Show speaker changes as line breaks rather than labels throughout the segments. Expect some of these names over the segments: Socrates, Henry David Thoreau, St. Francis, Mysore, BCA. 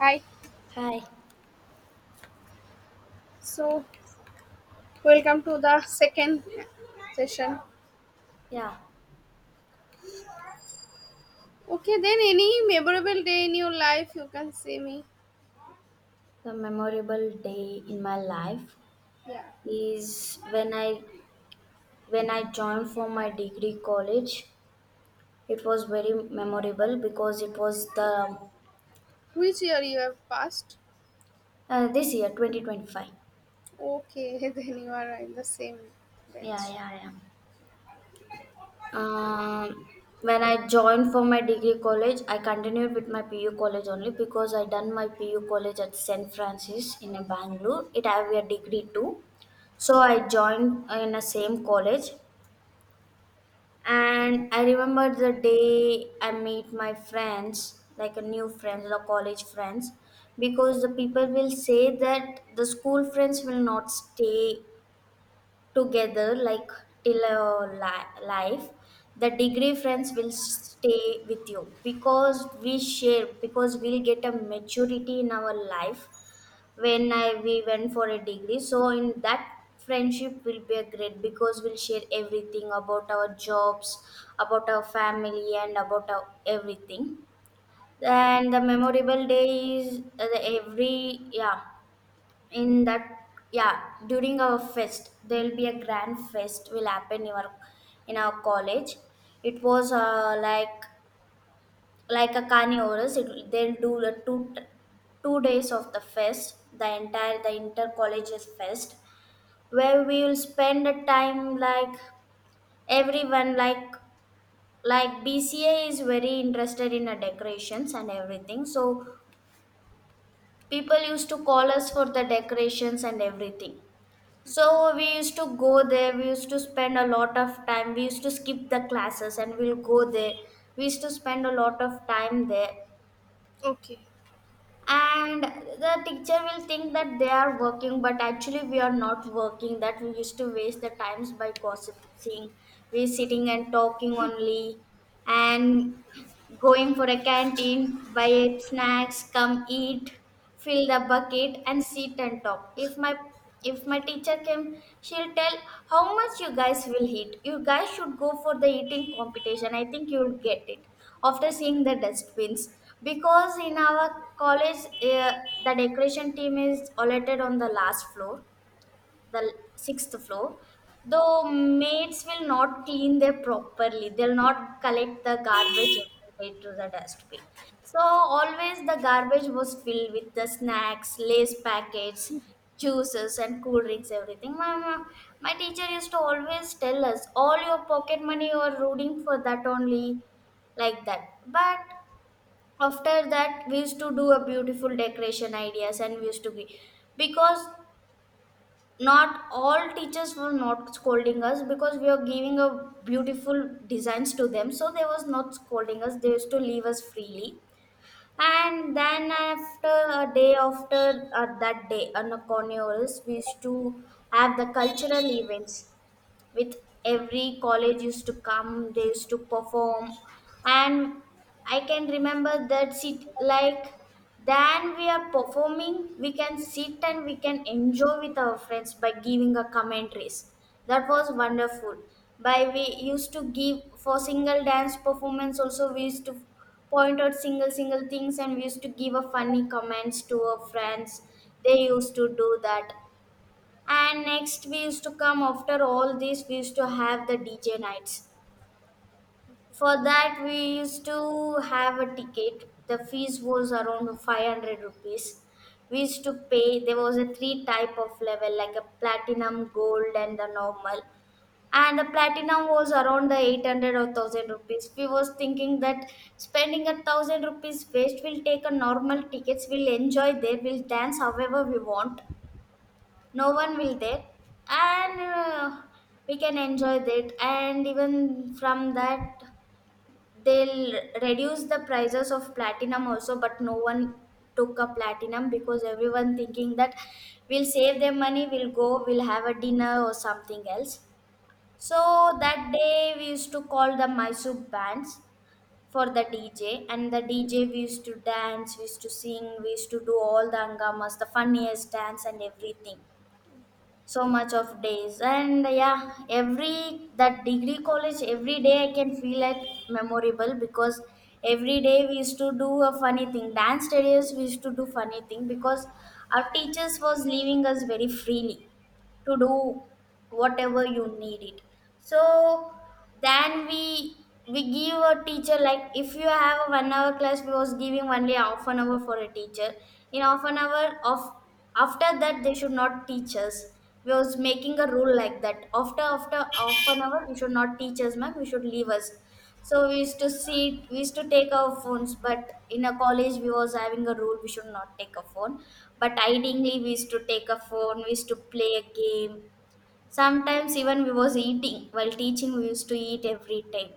Hi.
Hi.
So, welcome to the second session.
Yeah,
Okay, then any memorable day in your life you can say me.
the memorable day in my life
Yeah.
is when I joined for my degree college. It was very memorable because it was the
Which year you have passed?
this year 2025.
Okay, then you are in the same
Yeah,
batch.
yeah, yeah. Um, when I joined for my degree college, I continued with my PU college only because I done my PU college at St. Francis in Bangalore. It have a degree too. So I joined in the same college. And I remember the day I meet my friends, like a new friends or college friends, because the people will say that the school friends will not stay together like till your life. The degree friends will stay with you because we share, because we'll get a maturity in our life when I we went for a degree. So in that friendship will be a great because we'll share everything about our jobs, about our family, and about our everything. And the memorable day is the every yeah in that yeah during our fest there will be a grand fest will happen in our college. It was like a carnivorous they'll do the two days of the fest, the entire the inter colleges fest where we will spend a time like everyone like bca is very interested in the decorations and everything, so people used to call us for the decorations and everything, so we used to go there, we used to spend a lot of time, we used to skip the classes and we'll go there, we used to spend a lot of time there.
Okay.
And the teacher will think that they are working, but actually we are not working, that we used to waste the times by gossiping, we sitting and talking only, and going for a canteen, buy snacks, come eat, fill the bucket and sit and talk. If my if my teacher came, she'll tell how much you guys will eat, you guys should go for the eating competition, I think you'll get it, after seeing the dustbins. Because in our college, uh, the decoration team is allotted on the last floor, the sixth floor, though maids will not clean there properly, they'll not collect the garbage every day to the dustbin, so always the garbage was filled with the snacks, lace packets, juices and cool drinks, everything. My my teacher used to always tell us all your pocket money you are rooting for that only, like that. But after that, we used to do a beautiful decoration ideas and we used to be because not all teachers were not scolding us because we were giving a beautiful designs to them, so they was not scolding us. They used to leave us freely. And then after a day, after that day, on a Corneuris, we used to have the cultural events with every college used to come, they used to perform. And I can remember that sit like then we are performing we can sit and we can enjoy with our friends by giving a commentaries, that was wonderful. By we used to give for single dance performance also we used to point out single single things and we used to give a funny comments to our friends, they used to do that. And next, we used to come after all this, we used to have the DJ nights. For that, we used to have a ticket. The fees was around 500 rupees. We used to pay, there was a three type of level like a platinum, gold, and the normal. And the platinum was around the 800 or 1000 rupees. We was thinking that spending a 1000 rupees waste, we'll take a normal tickets, we'll enjoy there, we'll dance however we want, no one will there. And we can enjoy that, and even from that they'll reduce the prices of platinum also, but no one took a platinum because everyone thinking that we'll save their money, we'll go, we'll have a dinner or something else. So that day we used to call the mysore bands for the dj, and the dj we used to dance, we used to sing, we used to do all the angamas, the funniest dance and everything. So much of days, and yeah, every that degree college every day I can feel it memorable, because every day we used to do a funny thing, dance studios, we used to do funny thing because our teachers was leaving us very freely to do whatever you need it. So then we give a teacher like if you have a 1 hour class, we was giving only half an hour for a teacher, in half an hour of after that they should not teach us. We was making a rule like that, after after half an hour you should not teach us ma'am, you should leave us. So we used to see, we used to take our phones, but in a college we was having a rule, we should not take a phone, but ideally we used to take a phone, we used to play a game. Sometimes even we was eating while teaching, we used to eat every time.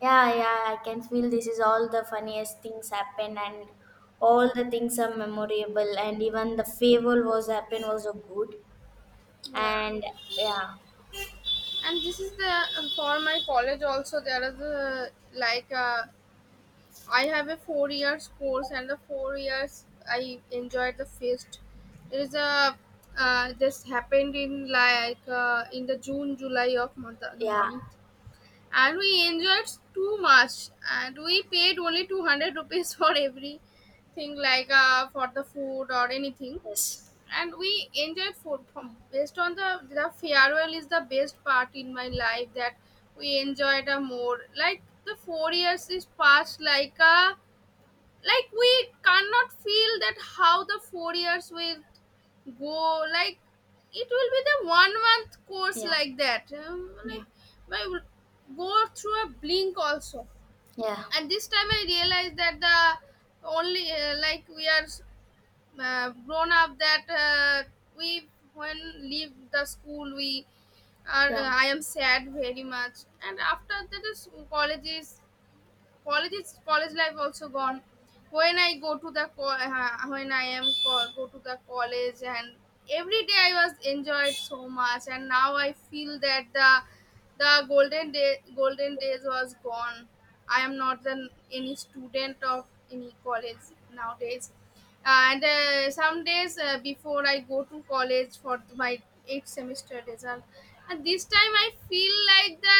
Yeah, yeah, I can feel this is all the funniest things happen, and all the things are memorable, and even the fable was happen was so good.
Yeah.
And yeah,
And this is the for my college also there is a like a I have a 4 years course, and the 4 years I enjoyed the feast. There is a this happened in like in the June July of month, the
yeah,
month, and we enjoyed too much, and we paid only 200 rupees for everything like for the food or anything,
yes,
and we enjoyed food from based on the farewell is the best part in my life that we enjoyed a more like the 4 years is passed like a like we cannot feel that how the 4 years will go like it will be the 1 month course
yeah,
like that
yeah,
like I will go through a blink also.
yeah,
And this time I realized that the only like we are grown up that we when leave the school we are
yeah,
I am sad very much. And after that is college life also gone. When I go to the co- when I am co- go to the college, and every day I was enjoyed so much. And now I feel that the golden days was gone. I am not an, any student of any college nowadays. And some days before I go to college for my eighth semester result. And this time I feel like the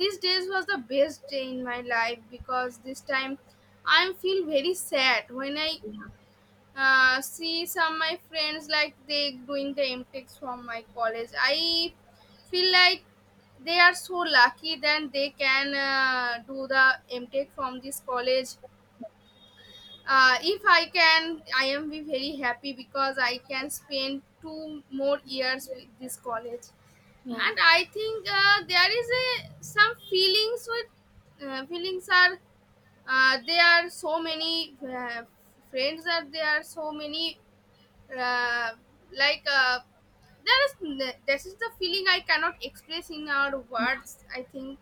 these days was the best day in my life because this time I feel very sad when I see some my friends like they doing the MTechs from my college. I feel like they are so lucky that they can do the MTech from this college. If I can, I am be very happy because I can spend 2 more years with this college.
yeah,
And I think there is a some feelings with feelings are there are so many friends are there so many uh, like there is this is the feeling I cannot express in our
yeah,
words. I think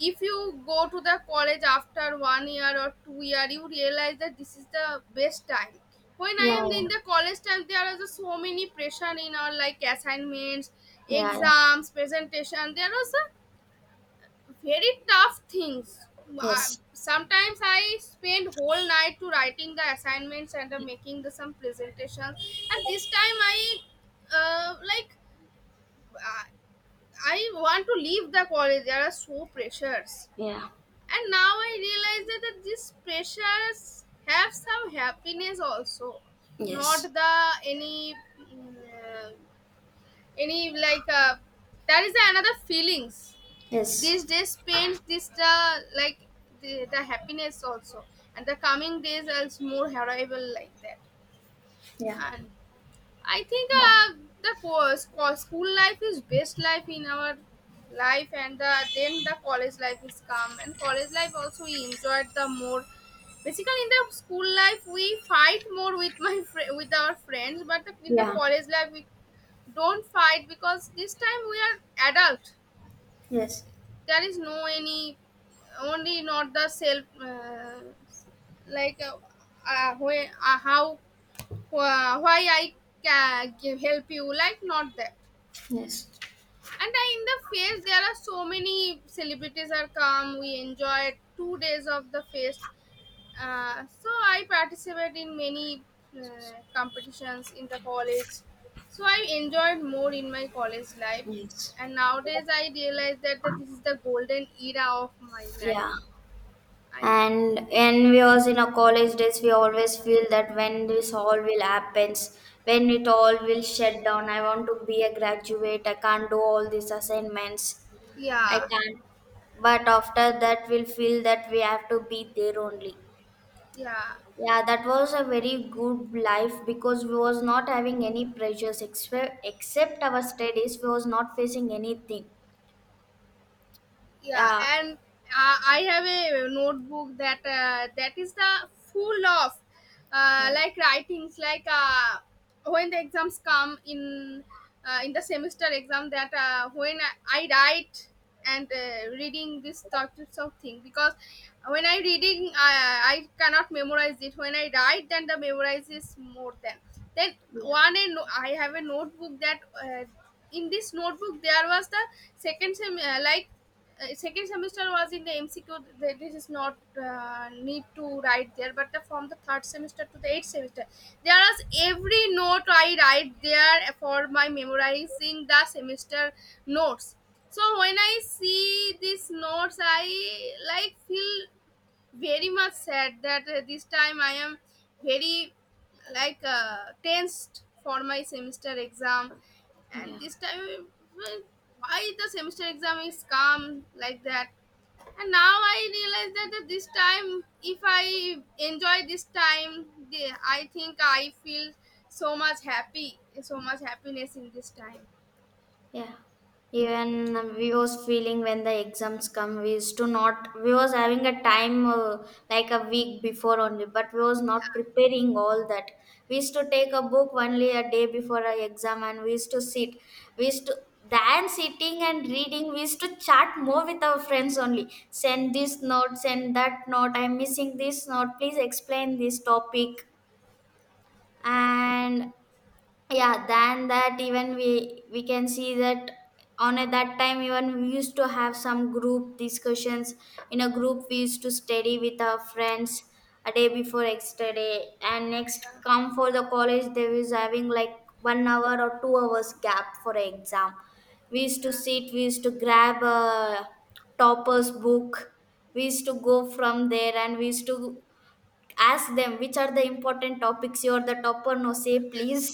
if you go to the college after 1 year or 2 year you realize that this is the best time. When I
yeah,
am in
yeah,
the college time there are just so many pressure in our like assignments,
yeah, yeah.
exams, presentation. There are some very tough things. Uh,
Yes,
Sometimes I spend whole night to writing the assignments and making the some presentations. And this time uh, like uh, I want to leave the college, there are so pressures.
yeah,
And now I realize that that these pressures have some happiness also, not
yes,
the any mm, uh, any that is another feelings.
yes,
These days paints this the like the happiness also, and the coming days as more arrival like that.
yeah,
And I think
yeah,
the school life is best life in our life, and the then the college life is come. And college life also we enjoyed the more. Basically, in the school life we fight more with my fri with our friends, but the, in the
yeah,
college life we don't fight because this time we are adult.
yes,
There is no any only not the self like uh, where, how why I can help you, like not that.
yes,
And I, in the fest, there are so many celebrities are come. We enjoyed 2 days of the fest. So I participate in many competitions in the college. So I enjoyed more in my college life.
yes.
And nowadays I realize that, that this is the golden era of my life.
Yeah.
I think.
And when we was in our college days, we always feel that when this all will happens, when it all will shut down, I want to be a graduate. I can't do all these assignments. I
Yeah.
can't. But after that, we'll feel that we have to be there only.
Yeah.
Yeah, that was a very good life because we was not having any pressures except our studies. We was not facing anything.
Yeah,
Yeah.
and I have a notebook that that is the full of
Yeah.
like writings like when the exams come in the semester exam that when I write. And reading this types of thing because when I reading I cannot memorize it. When I write then the memorize is more than then
Yeah.
one. And I have a notebook that uh, in this notebook there was the second sem uh, like second semester was in the MCQ. This is not need to write there but the, from the third semester to the eighth semester there is every note I write there for my memorizing the semester notes. So when I see these notes I like feel very much sad that this time I am very tensed for my semester exam, and
Yeah.
this time well, why the semester exam is calm like that. And now I realize that this time, if I enjoy this time, the- I think I feel so much happy, so much happiness in this time.
Yeah, even we was feeling when the exams come, we used to not. We was having a time like a week before only, but we was not preparing all that. We used to take a book only a day before a exam, and we used to sit. We used to than sitting and reading. We used to chat more with our friends only. Send this note, send that note. I'm missing this note. Please explain this topic. And yeah, than that, even we can see that on at that time even we used to have some group discussions, in a group we used to study with our friends a day before extra day, and next come for the college they was having like 1 hour or 2 hours gap for an exam. We used to sit, we used to grab a topper's book, we used to go from there and we used to ask them which are the important topics, you're the topper no, say please.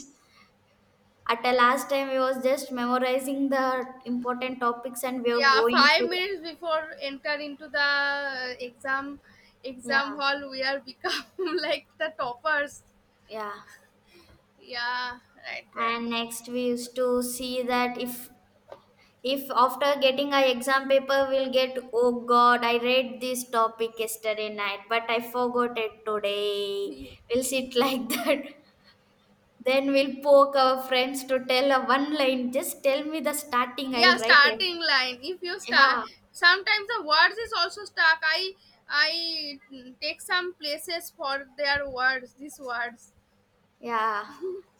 At the last time, we was just memorizing the important topics, and we were
Yeah,
going to
five
the
minutes before enter into the exam
yeah,
exam hall we are become like the toppers.
yeah.
Yeah, right there.
And next, we used to see that if after getting our exam paper, we'll get oh God, I read this topic yesterday night, but I forgot it today. We'll sit like that. Then we'll poke our friends to tell a one line. Just tell me the starting. I'll
Yeah,
write him.
starting line if you start
Yeah.
sometimes the words is also stuck. I take some places for their words these words.
Yeah,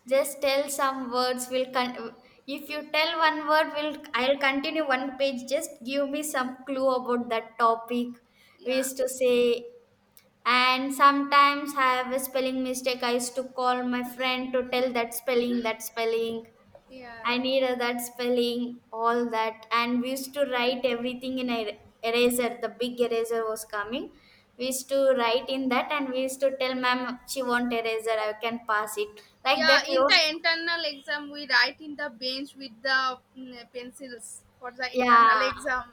just tell some words. If you tell one word, will I'll continue one page. Just give me some clue about that topic. We
Yeah.
used to say, and sometimes I have a spelling mistake. I used to call my friend to tell that spelling, that spelling. I
Yeah.
need that spelling, all that. And we used to write everything in a eraser. The big eraser was coming. We used to write in that, and we used to tell ma'am she want eraser, I can pass it like
Yeah,
that. We
in
was
the internal exam we write in the bench with the pencils for the internal
yeah,
exam.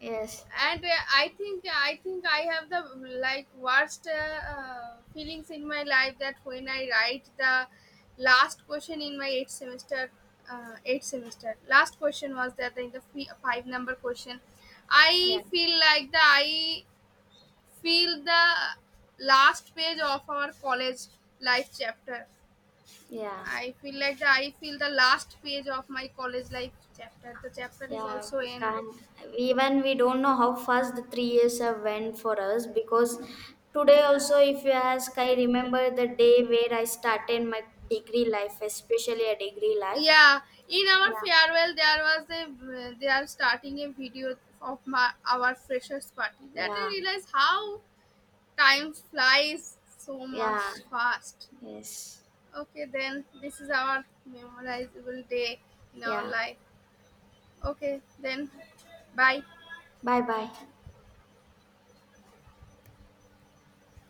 yes,
And I think I have the like worst feelings in my life that when I write the last question in my eighth semester. Eighth semester last question was that in the five number question
yeah,
I feel like the I feel the last page of our college life chapter.
yeah,
I feel like the I feel the last page of my college life chapter, the chapter is
yeah.
also
We
in.
can't even we don't know how fast the 3 years have went for us because today also
Yeah.
if you ask I remember the day where I started my degree life.
Yeah, in our
Yeah.
farewell, there was a they are starting a video of my our freshers party. That I
Yeah,
realize how time flies so much
yeah,
fast.
yes,
Okay, then this is our memorizable day in our
yeah.
life. Okay, then bye.
Bye bye.